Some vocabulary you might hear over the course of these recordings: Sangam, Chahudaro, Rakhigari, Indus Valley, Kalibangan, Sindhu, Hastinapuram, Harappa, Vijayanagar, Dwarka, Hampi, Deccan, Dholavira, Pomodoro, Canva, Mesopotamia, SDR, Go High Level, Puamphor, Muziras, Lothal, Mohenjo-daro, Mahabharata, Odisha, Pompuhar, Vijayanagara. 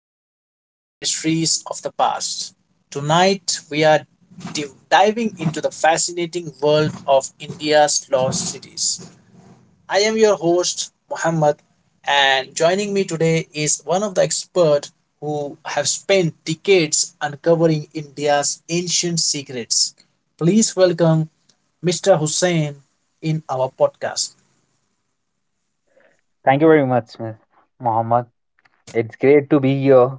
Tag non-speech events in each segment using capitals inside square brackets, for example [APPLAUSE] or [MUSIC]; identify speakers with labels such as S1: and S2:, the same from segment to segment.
S1: and welcome to Mysteries of the Past. Tonight, we are diving into the fascinating world of India's lost cities. I am your host, Muhammad, and joining me today is one of the experts who have spent decades uncovering India's ancient secrets. Please welcome Mr. Hussein in our podcast.
S2: Thank you very much, Ms. Mohammed. It's great to be here,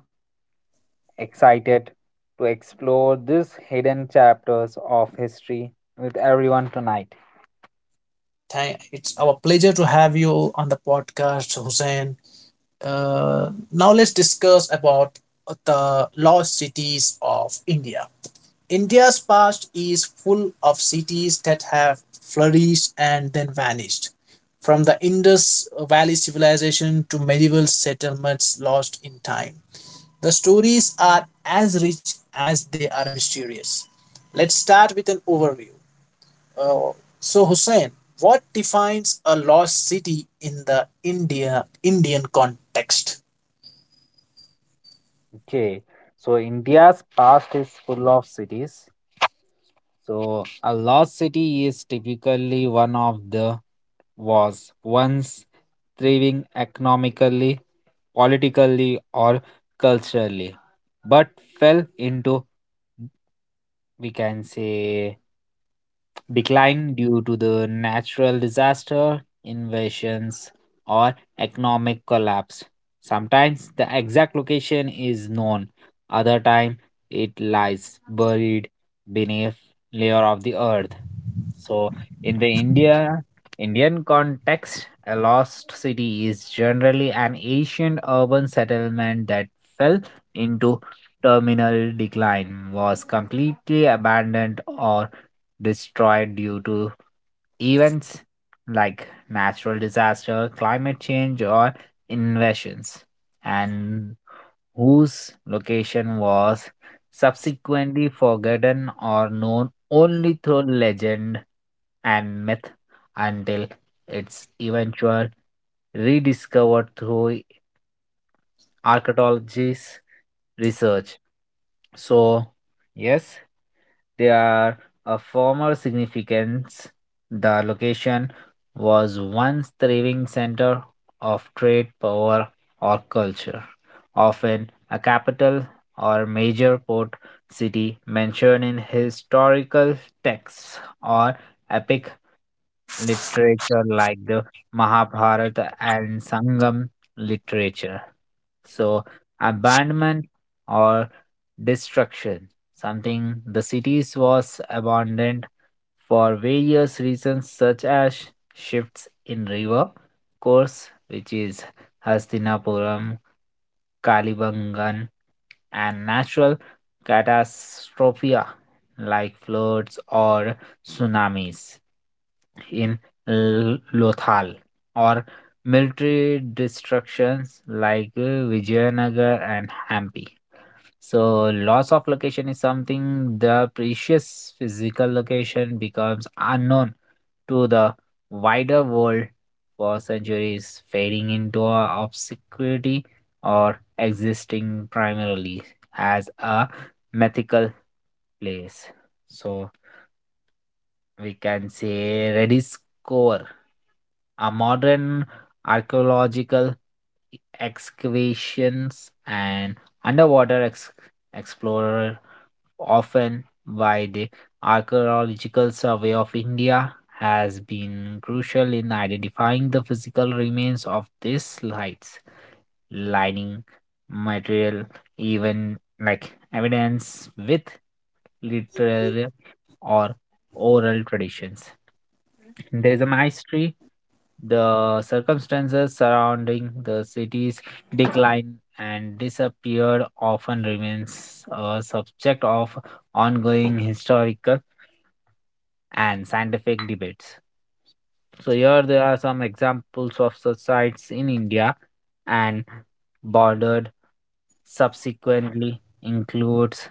S2: excited to explore these hidden chapters of history with everyone tonight.
S1: It's our pleasure to have you on the podcast, Hussein. Now let's discuss about the lost cities of India. India's past is full of cities that have flourished and then vanished. From the Indus Valley civilization to medieval settlements lost in time. The stories are as rich as they are mysterious. Let's start with an overview. Uh, so Hussein, what defines a lost city in the Indian context?
S2: Okay, so India's past is full of cities. So, a lost city is typically one of the was once thriving economically, politically, or culturally, but fell into, we can say, decline due to the natural disaster, invasions, or economic collapse. Sometimes the exact location is known, other time it lies buried beneath layer of the earth. So in the Indian context, a lost city is generally an ancient urban settlement that fell into terminal decline, was completely abandoned or destroyed due to events like natural disaster, climate change, or invasions, and whose location was subsequently forgotten or known only through legend and myth until its eventual rediscovered through archaeology's research. So, yes, they are a former significance. The location was once thriving center of trade, power, or culture, often a capital or major port city mentioned in historical texts or epic literature like the Mahabharata and Sangam literature. So, abandonment or destruction, something the cities was abandoned for various reasons such as shifts in river course, which is Hastinapuram Kalibangan, and natural catastrophe like floods or tsunamis in Lothal or military destructions like Vijayanagar and Hampi. So, loss of location is something the precious physical location becomes unknown to the wider world for centuries, fading into a obscurity or existing primarily as a mythical place. So we can say Redis Core, a modern archaeological excavations and underwater explorer often why the Archaeological Survey of India has been crucial in identifying the physical remains of these sites, lining material, even like evidence with literary or oral traditions. There is a mystery. The circumstances surrounding the city's decline and disappear often remains a subject of ongoing historical and scientific debates. So here there are some examples of such sites in India and bordered subsequently includes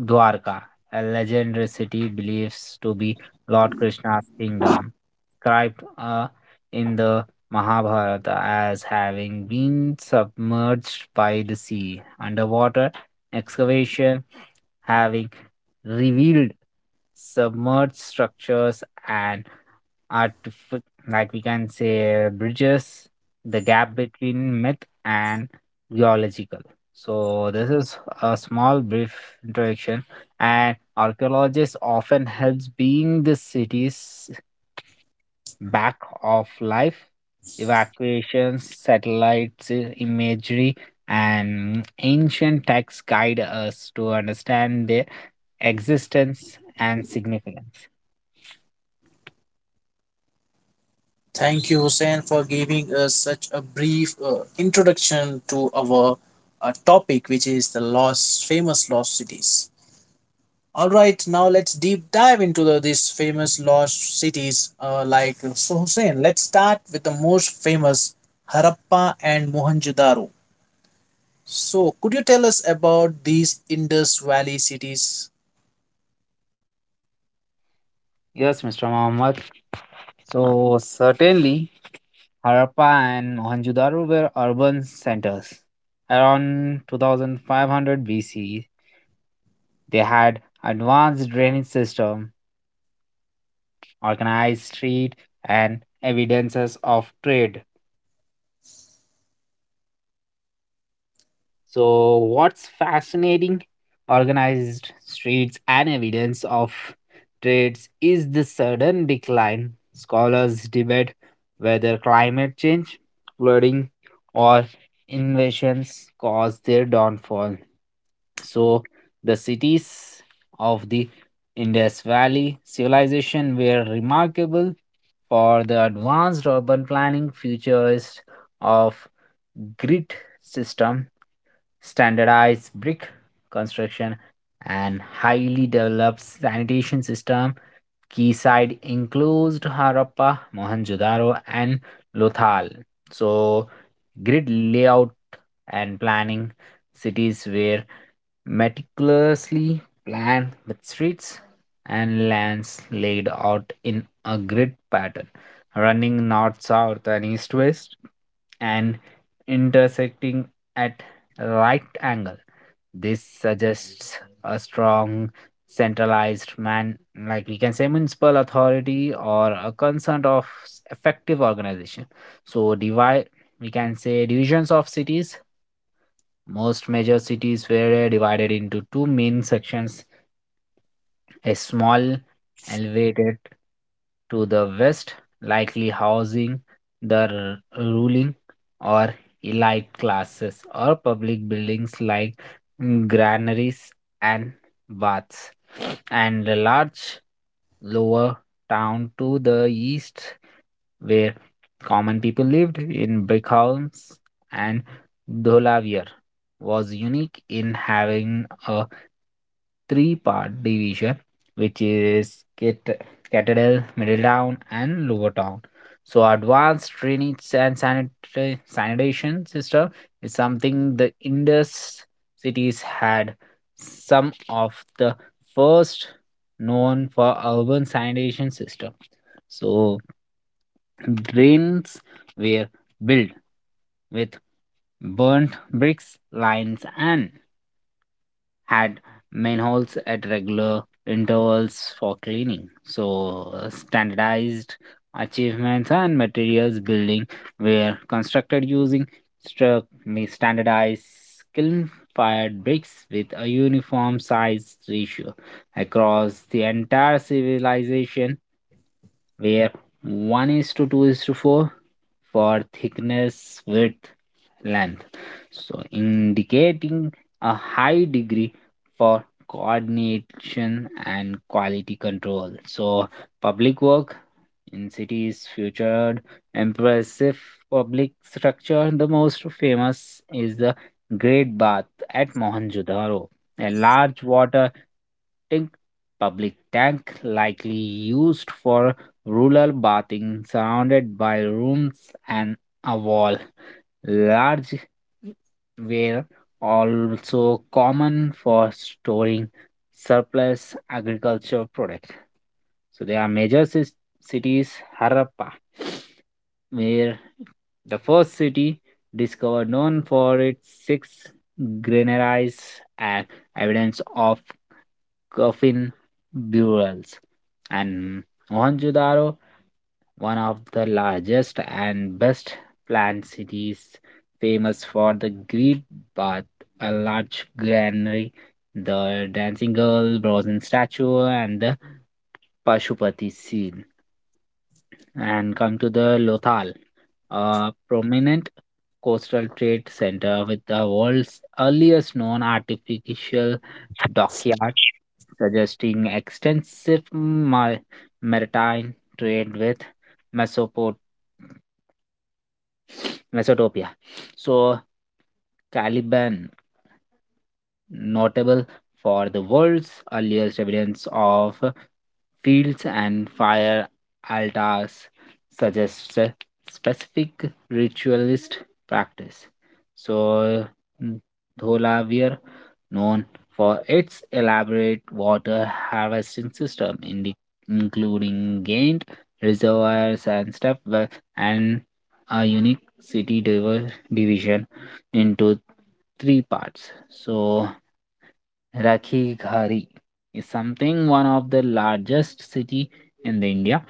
S2: Dwarka, a legendary city believed to be Lord Krishna's kingdom, described in the Mahabharata as having been submerged by the sea. Underwater excavation having revealed submerged structures and artif- like we can say bridges the gap between myth and geological, so this is a small brief introduction, and archaeologists often helps being the city's back of life evacuations satellites imagery and ancient texts guide us to understand their existence and significance.
S1: Thank you, Hussein, for giving us such a brief introduction to our topic, which is the lost, famous lost cities. All right, now let's deep dive into these famous lost cities. So, Hussein, let's start with the most famous Harappa and Mohenjo-daro. So, could you tell us about these Indus Valley cities?
S2: Yes, Mr. Mohammed. So certainly, Harappa and Mohenjo-daro were urban centers. Around 2500 BC, they had advanced drainage system, organized street, and evidences of trade. So, what's fascinating? Organized streets and evidence of trades is the sudden decline. Scholars debate whether climate change, flooding, or invasions caused their downfall. So, the cities of the Indus Valley civilization were remarkable for the advanced urban planning, futurist of grid system, standardized brick construction, and highly developed sanitation system quayside enclosed Harappa, Mohenjo-daro, and Lothal. So grid layout and planning, cities were meticulously planned with streets and lands laid out in a grid pattern, running north, south, and east, west, and intersecting at right angle. This suggests a strong centralized man, like we can say municipal authority or a concern of effective organization. So, devi we can say divisions of cities, most major cities were divided into two main sections, a small elevated to the west, likely housing the ruling or elite classes or public buildings like granaries and baths, and a large lower town to the east where common people lived in brick homes, and Dholavir was unique in having a three-part division, which is Citadel, Middle Town, and Lower Town. So, advanced drainage and sanitation system is something the Indus cities had some of the first known for urban sanitation system. So, drains were built with burnt bricks, lines, and had manholes at regular intervals for cleaning. So, standardized achievements and materials building were constructed using struck standardized kiln fired bricks with a uniform size ratio across the entire civilization where 1 is to 2 is to 4 for thickness, width, length. So, indicating a high degree for coordination and quality control. So, public work in cities featured impressive public structure. The most famous is the Great Bath at Mohenjo-daro, a large water big public tank likely used for rural bathing surrounded by rooms and a wall large were also common for storing surplus agricultural product. So there are major cities, Harappa, where the first city discovered known for its six granaries and evidence of coffin burials. And Mohenjo-daro, one of the largest and best planned cities, famous for the great bath, a large granary, the dancing girl, bronze statue, and the Pashupati seal, and come to the Lothal, a prominent coastal trade center with the world's earliest known artificial dockyard, suggesting extensive maritime trade with Mesopot- Mesopotamia. So, Caliban, notable for the world's earliest evidence of fields and fire altars, suggests a specific ritualist practice. So, mm, Dholavir, known for its elaborate water harvesting system, including gained reservoirs and step well, and a unique city division into three parts. So, Rakhigari is something one of the largest city in the India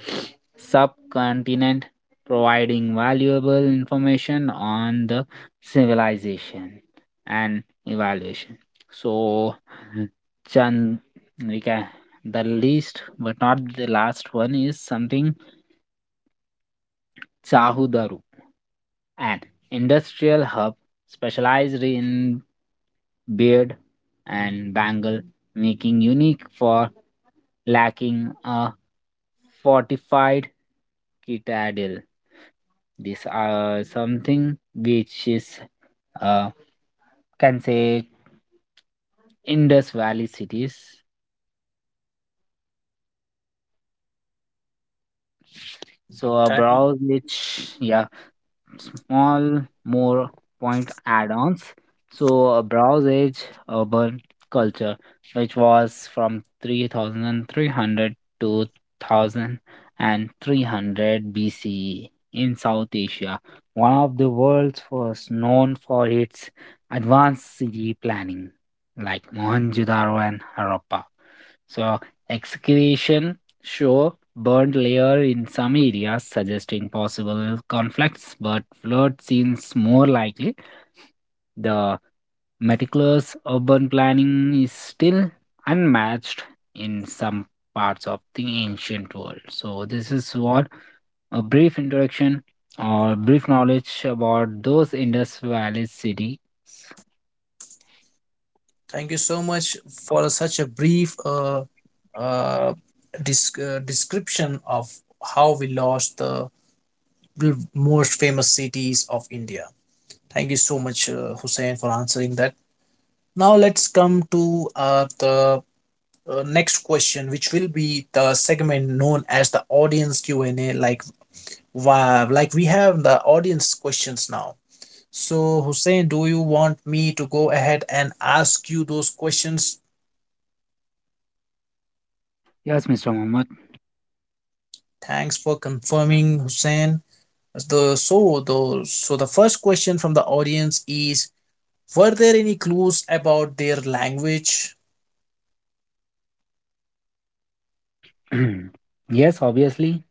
S2: subcontinent, providing valuable information on the civilization and evaluation. So, Chan, we can, the least but not the last one is something Chahudaru, an industrial hub specialized in beard and bangle making, unique for lacking a fortified citadel. These are something which is uh, can say Indus Valley cities. So a browse which, yeah, small more point add-ons. So a browse age urban culture which was from 3300 to 1300 BCE in South Asia, one of the world's first known for its advanced city planning like Mohenjo-daro and Harappa. So, excavation show burnt layer in some areas, suggesting possible conflicts, but flood seems more likely. The meticulous urban planning is still unmatched in some parts of the ancient world. So, this is what a brief introduction or brief knowledge about those Indus Valley cities.
S1: Thank you so much for such a brief uh, description of how we lost the most famous cities of India. Thank you so much, Hussein, for answering that. Now let's come to the next question, which will be the segment known as the audience Q and A. Like, wow, like we have the audience questions now. So, Hussein, do you want me to go ahead and ask you those questions?
S2: Yes, Mr. Mohammed.
S1: Thanks for confirming, Hussein. The first question from the audience is: Were there any clues about their language?
S2: [CLEARS THROAT] Yes, obviously,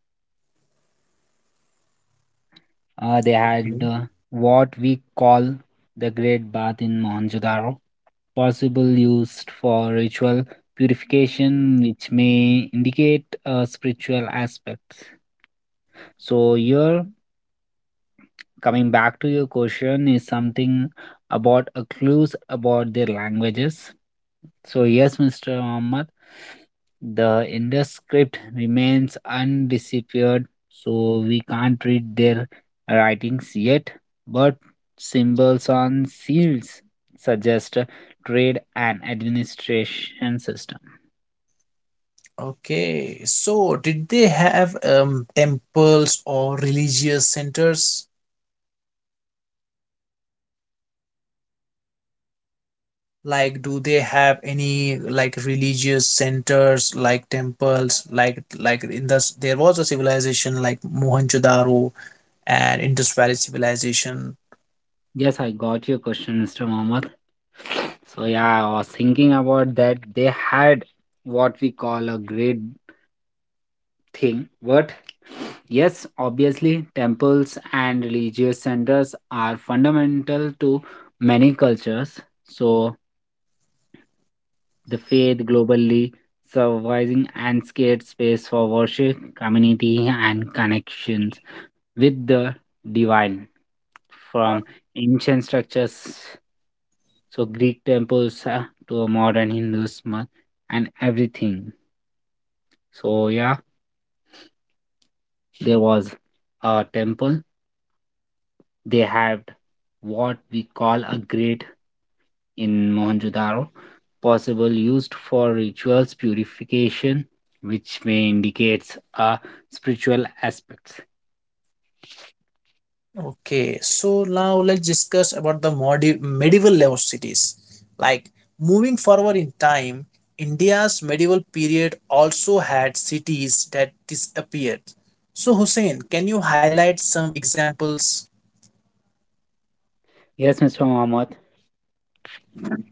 S2: They
S1: Okay.
S2: had what we call the Great Bath in Mohenjo-daro, possible used for ritual purification, which may indicate a spiritual aspect. So here, coming back to your question, is something about a clues about their languages. So, yes, Mr. Muhammad, the Indus script remains undisappeared, so we can't read their writings yet, but symbols on seals suggest a trade and administration system.
S1: Okay, so did they have temples or religious centers? Like, do they have any like religious centers, like temples, like in the there was a civilization like Mohenjo-daro and Indus Valley civilization.
S2: Yes, I got your question, Mr. Muhammad. So, yeah, I was thinking about that. They had what we call a great thing. But yes, obviously, temples and religious centers are fundamental to many cultures. So, the faith globally surviving and scared space for worship, community, and connections with the divine from ancient structures, so Greek temples to modern Hinduism and everything. So, yeah, there was a temple. They had what we call a grate in Mohenjo-daro, possible used for rituals purification, which may indicates a spiritual aspect.
S1: Okay, so now let's discuss about the medieval level cities. Like moving forward in time, India's medieval period also had cities that disappeared. So, Hussein, can you highlight some examples?
S2: Yes, Mr. Mohammed.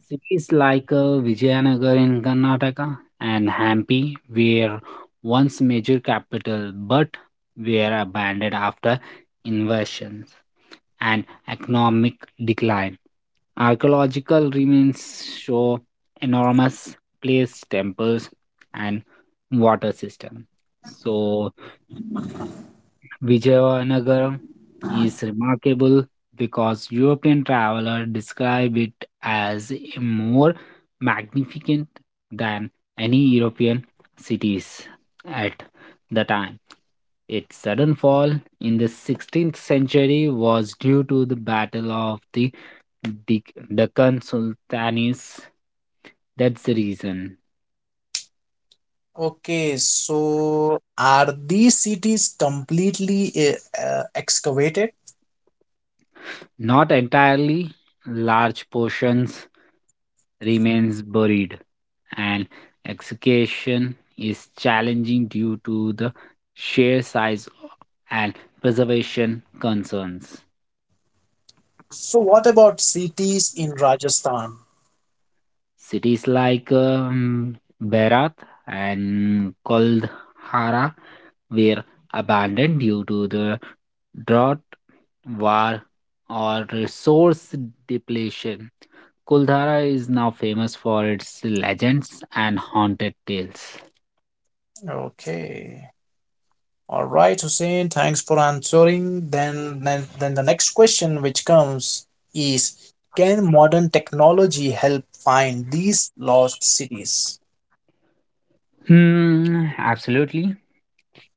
S2: Cities like Vijayanagar in Karnataka and Hampi were once major capital, but were abandoned after invasions and economic decline. Archaeological remains show enormous place temples and water system. So Vijayanagara is remarkable because European traveler describe it as a more magnificent than any European cities at the time. Its sudden fall in the 16th century was due to the Battle of the Deccan Sultanates. That's the reason.
S1: Okay, so are these cities completely excavated?
S2: Not entirely, large portions remains buried, and excavation is challenging due to the sheer size and preservation concerns.
S1: So, what about cities in Rajasthan?
S2: Cities like Berat and Koldhara were abandoned due to the drought, war, or resource depletion. Kuldhara is now famous for its legends and haunted tales.
S1: Okay. All right, Hussein, thanks for answering. Then the next question which comes is: Can modern technology help find these lost cities?
S2: Hmm, absolutely.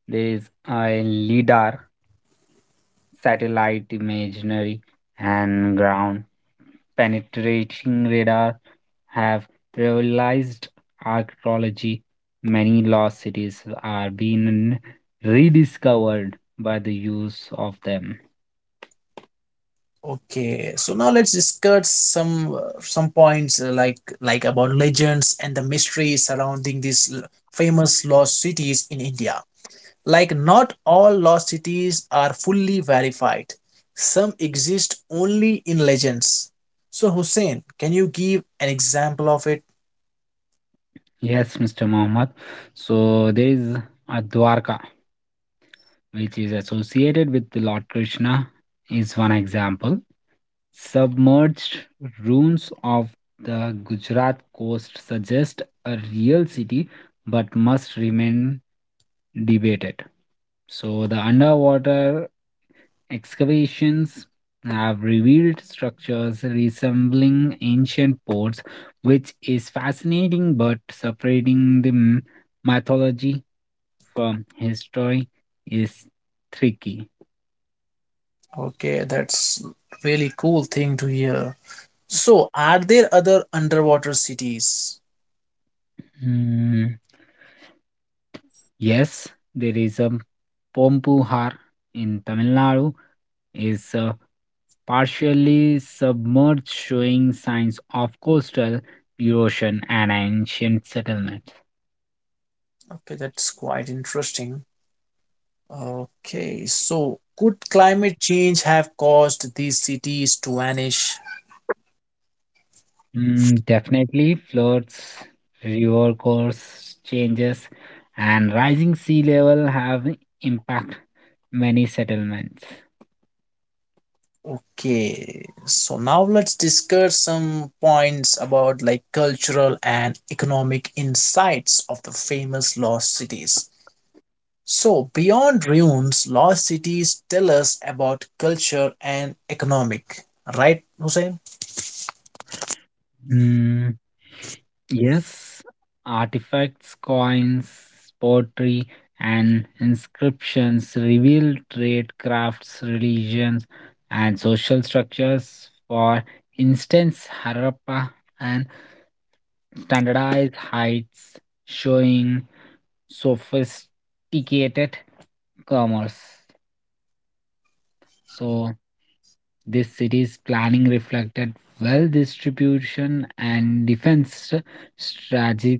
S2: There is a leader satellite imagery and ground penetrating radar have realized archaeology. Many lost cities are being rediscovered by the use of them.
S1: Okay, so now let's discuss some points about legends and the mysteries surrounding these famous lost cities in India. Like, not all lost cities are fully verified, some exist only in legends. So, Hussein, can you give an example of it?
S2: Yes, Mr. Mohammed. So there is a Dwarka, which is associated with the Lord Krishna, is one example. Submerged ruins of the Gujarat coast suggest a real city but must remain debated. So, the underwater excavations have revealed structures resembling ancient ports, which is fascinating, but separating the mythology from history is tricky.
S1: Okay, that's really cool thing to hear. So, are there other underwater cities?
S2: Mm, yes, there is a Pompuhar in Tamil Nadu is partially submerged, showing signs of coastal erosion and ancient settlement.
S1: Okay, that's quite interesting. Okay, so could climate change have caused these cities to vanish?
S2: Mm, definitely, floods, river course changes, and rising sea level have impact many settlements.
S1: Okay, so now let's discuss some points about like cultural and economic insights of the famous lost cities. So, beyond ruins, lost cities tell us about culture and economic, right, Hussein?
S2: Mm, yes, artifacts, coins, pottery, and inscriptions reveal trade, crafts, religions, and social structures. For instance, Harappa and standardized heights showing sophisticated commerce. So, this city's planning reflected well distribution and defense strategic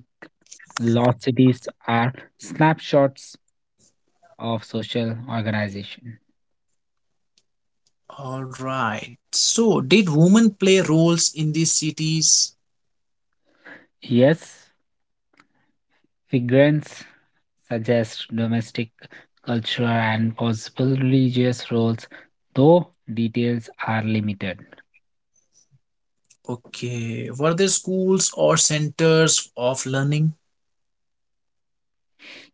S2: large cities are snapshots of social organization.
S1: All right. So, did women play roles in these cities?
S2: Yes, figurants suggest domestic cultural and possible religious roles, though details are limited.
S1: Okay. Were there schools or centers of learning?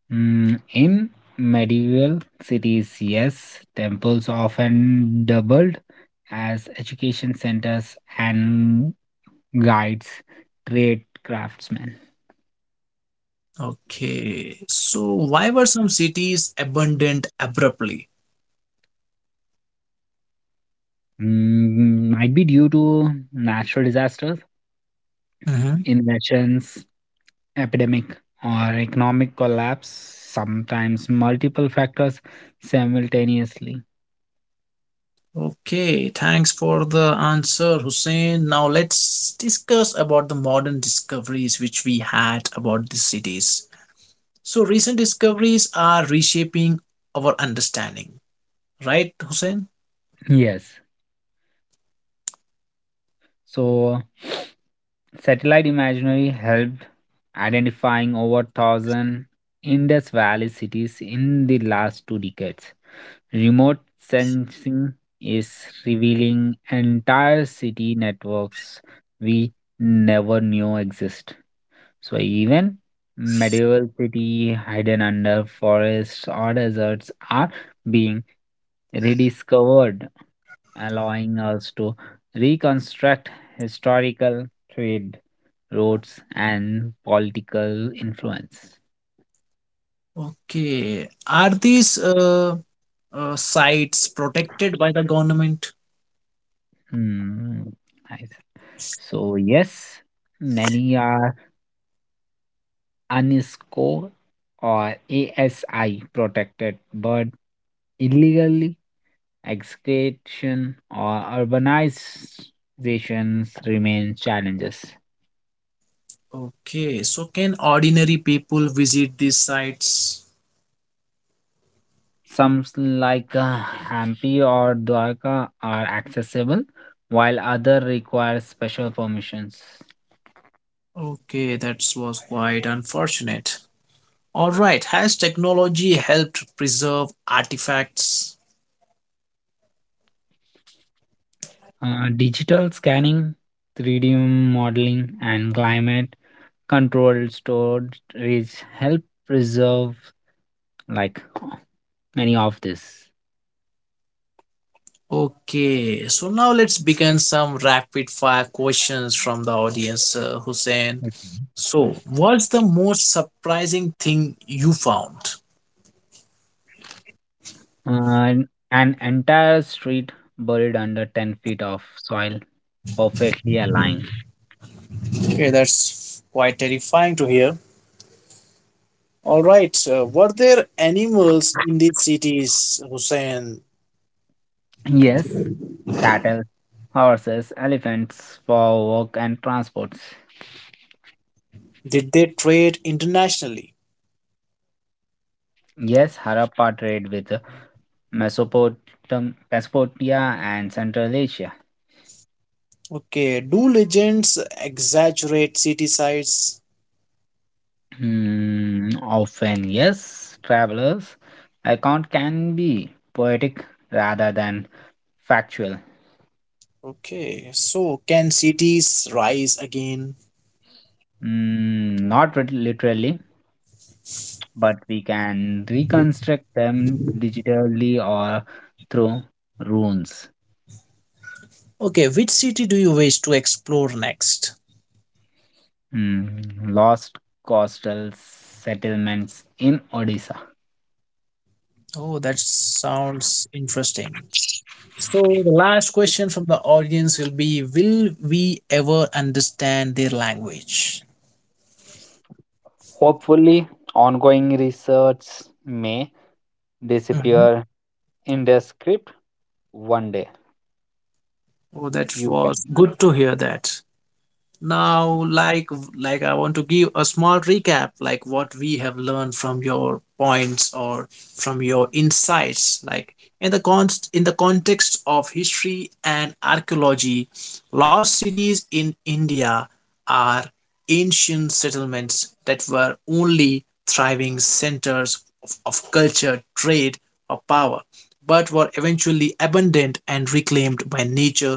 S2: Mm, in medieval cities, yes, temples often doubled as education centers and guides trade craftsmen.
S1: Okay. So, why were some cities abandoned abruptly?
S2: Mm, might be due to natural disasters,
S1: Mhm.
S2: invasions, epidemic, or economic collapse, sometimes multiple factors simultaneously.
S1: Okay, thanks for the answer, Hussein. Now let's discuss about the modern discoveries which we had about the cities. So recent discoveries are reshaping our understanding, right, Hussein?
S2: Yes. So, [SNIFFS] satellite imagery helped identifying over 1000 Indus Valley cities in the last two decades. Remote sensing is revealing entire city networks we never knew exist. So, even medieval cities hidden under forests or deserts are being rediscovered, allowing us to reconstruct historical trade routes and political influence.
S1: Okay, are these sites protected by the government?
S2: Hmm. Nice. So, yes, many are UNESCO or ASI protected, but illegally excavation or urbanizations remain challenges.
S1: Okay, so can ordinary people visit these sites?
S2: Some like Hampi or Dwarka are accessible, while other require special permissions.
S1: Okay, that was quite unfortunate. All right. Has technology helped preserve artifacts?
S2: Digital scanning, 3D modeling, and climate controlled storage help preserve like many of this.
S1: Okay. So now let's begin some rapid fire questions from the audience, Hussein.
S2: Okay.
S1: So, what's the most surprising thing you found?
S2: And an entire street buried under 10 feet of soil perfectly aligned.
S1: Okay, that's quite terrifying to hear. All right. Were there animals in these cities, Hussein?
S2: Yes, cattle, horses, elephants for work and transports.
S1: Did they trade internationally?
S2: Yes, Harappa trade with Mesopotamia and Central Asia.
S1: Okay. Do legends exaggerate city sites?
S2: Hmm, often, yes, travelers. Account can be poetic rather than factual.
S1: Okay, so can cities rise again?
S2: Mm, not literally, but we can reconstruct them digitally or through runes.
S1: Okay, which city do you wish to explore next?
S2: Mm, lost coastal settlements in Odisha.
S1: Oh, that sounds interesting. So, the last question from the audience will be: Will we ever understand their language?
S2: Hopefully, ongoing research may
S1: Mhm.
S2: disappear in the script one day.
S1: Oh, that
S2: You can.
S1: was good to hear that. Now, like I want to give a small recap, like what we have learned from your points or from your insights, like in the const in the context of history and archaeology, lost cities in India are ancient settlements that were only thriving centers of culture, trade, or power, but were eventually abandoned and reclaimed by nature,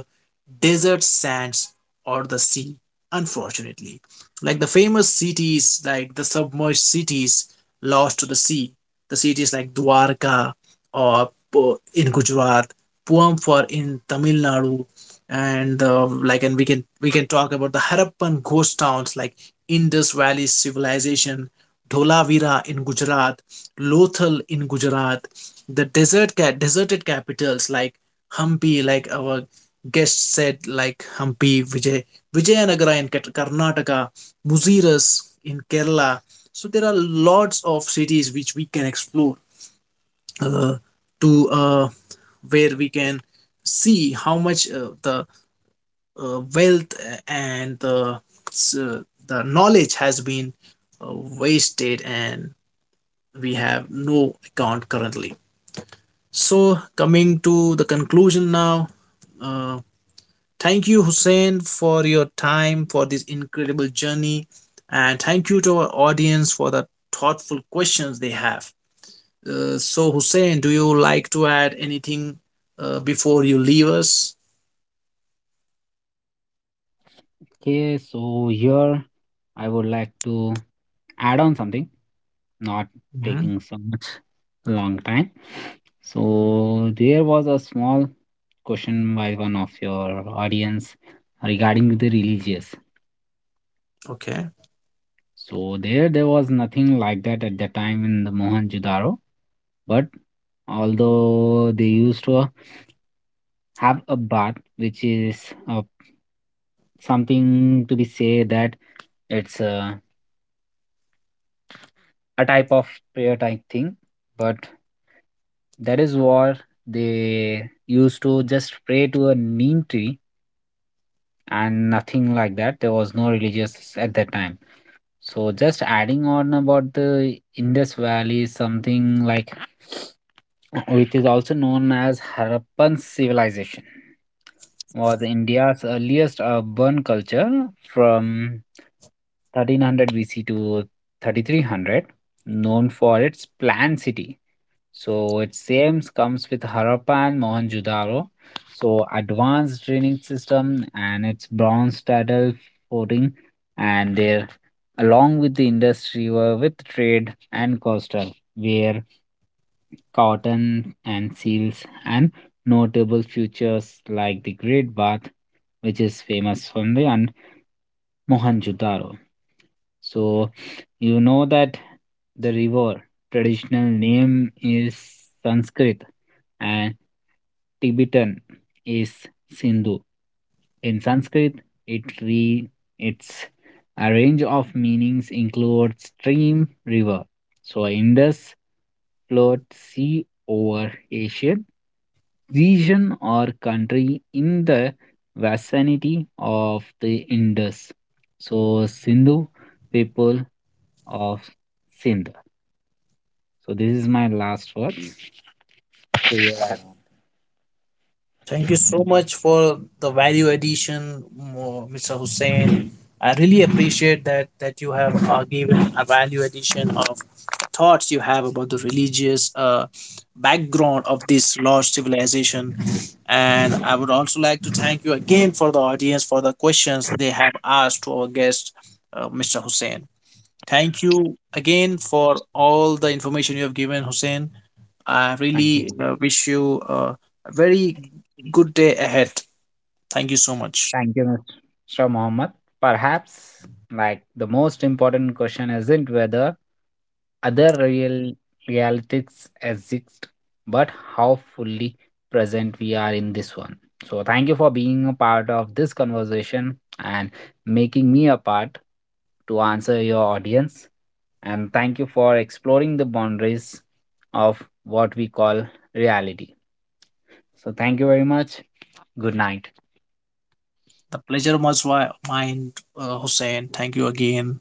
S1: desert sands, or the sea unfortunately. Like the famous cities, like the submerged cities lost to the sea, the cities like Dwarka or in Gujarat, Puamphor in Tamil Nadu, and and we can talk about the Harappan ghost towns like Indus Valley civilization, Dholavira in Gujarat, Lothal in Gujarat, the desert deserted capitals like Hampi, like our guest said, like Hampi, which Vijayanagara in Karnataka, Muziras in Kerala. So there are lots of cities which we can explore uh, to where we can see how much the wealth and uh, the knowledge has been wasted and we have no account currently. So coming to the conclusion now, uh, thank you, Hussein, for your time for this incredible journey. And thank you to our audience for the thoughtful questions they have. So, Hussein, do you like to add anything before you leave us?
S2: Okay, so here I would like to add on something, not
S1: Mhm.
S2: taking so much long time. So there was a small question by one of your audience regarding the religious.
S1: Okay.
S2: So there was nothing like that at the time in the Mohenjo-daro, but although they used to have a bath which is a something to be say that it's a type of prayer type thing, but that is what they used to just pray to a neem tree and nothing like that, there was no religious at that time. So just adding on about the Indus Valley, something like [SNIFFS] which is also known as Harappan civilization, was India's earliest urban culture from 1300 BC to 3300, known for its planned city so it seems comes with Harappa and Mohenjo-daro. So advanced training system and its bronze saddle footing and there along with the industry were with trade and coastal where cotton and seals and notable features like the Great Bath which is famous from the and Mohenjo-daro. So, you know that the river traditional name is Sanskrit and Tibetan is Sindhu. In Sanskrit, it re its a range of meanings include stream, river. So Indus flowed sea over Asian region or country in the vicinity of the Indus. So Sindhu people of Sindh. So this is my last words. So yeah,
S1: Thank you so much for the value addition, Mr. Hussein. I really appreciate that you have given a value addition of thoughts you have about the religious background of this lost civilization. And I would also like to thank you again for the audience for the questions they have asked to our guest, Mr. Hussein. Thank you again for all the information you have given, Hussein. I
S2: thank you.
S1: really wish you a very good day ahead. Thank you so much.
S2: Thank you, Mr. Mohammed. Perhaps, like, the most important question isn't whether other realities exist, but how fully present we are in this one. So, thank you for being a part of this conversation and making me a part to answer your audience. And thank you for exploring the boundaries of what we call reality. So, thank you very much. Good night.
S1: The pleasure was mine, Hussein. Thank you again.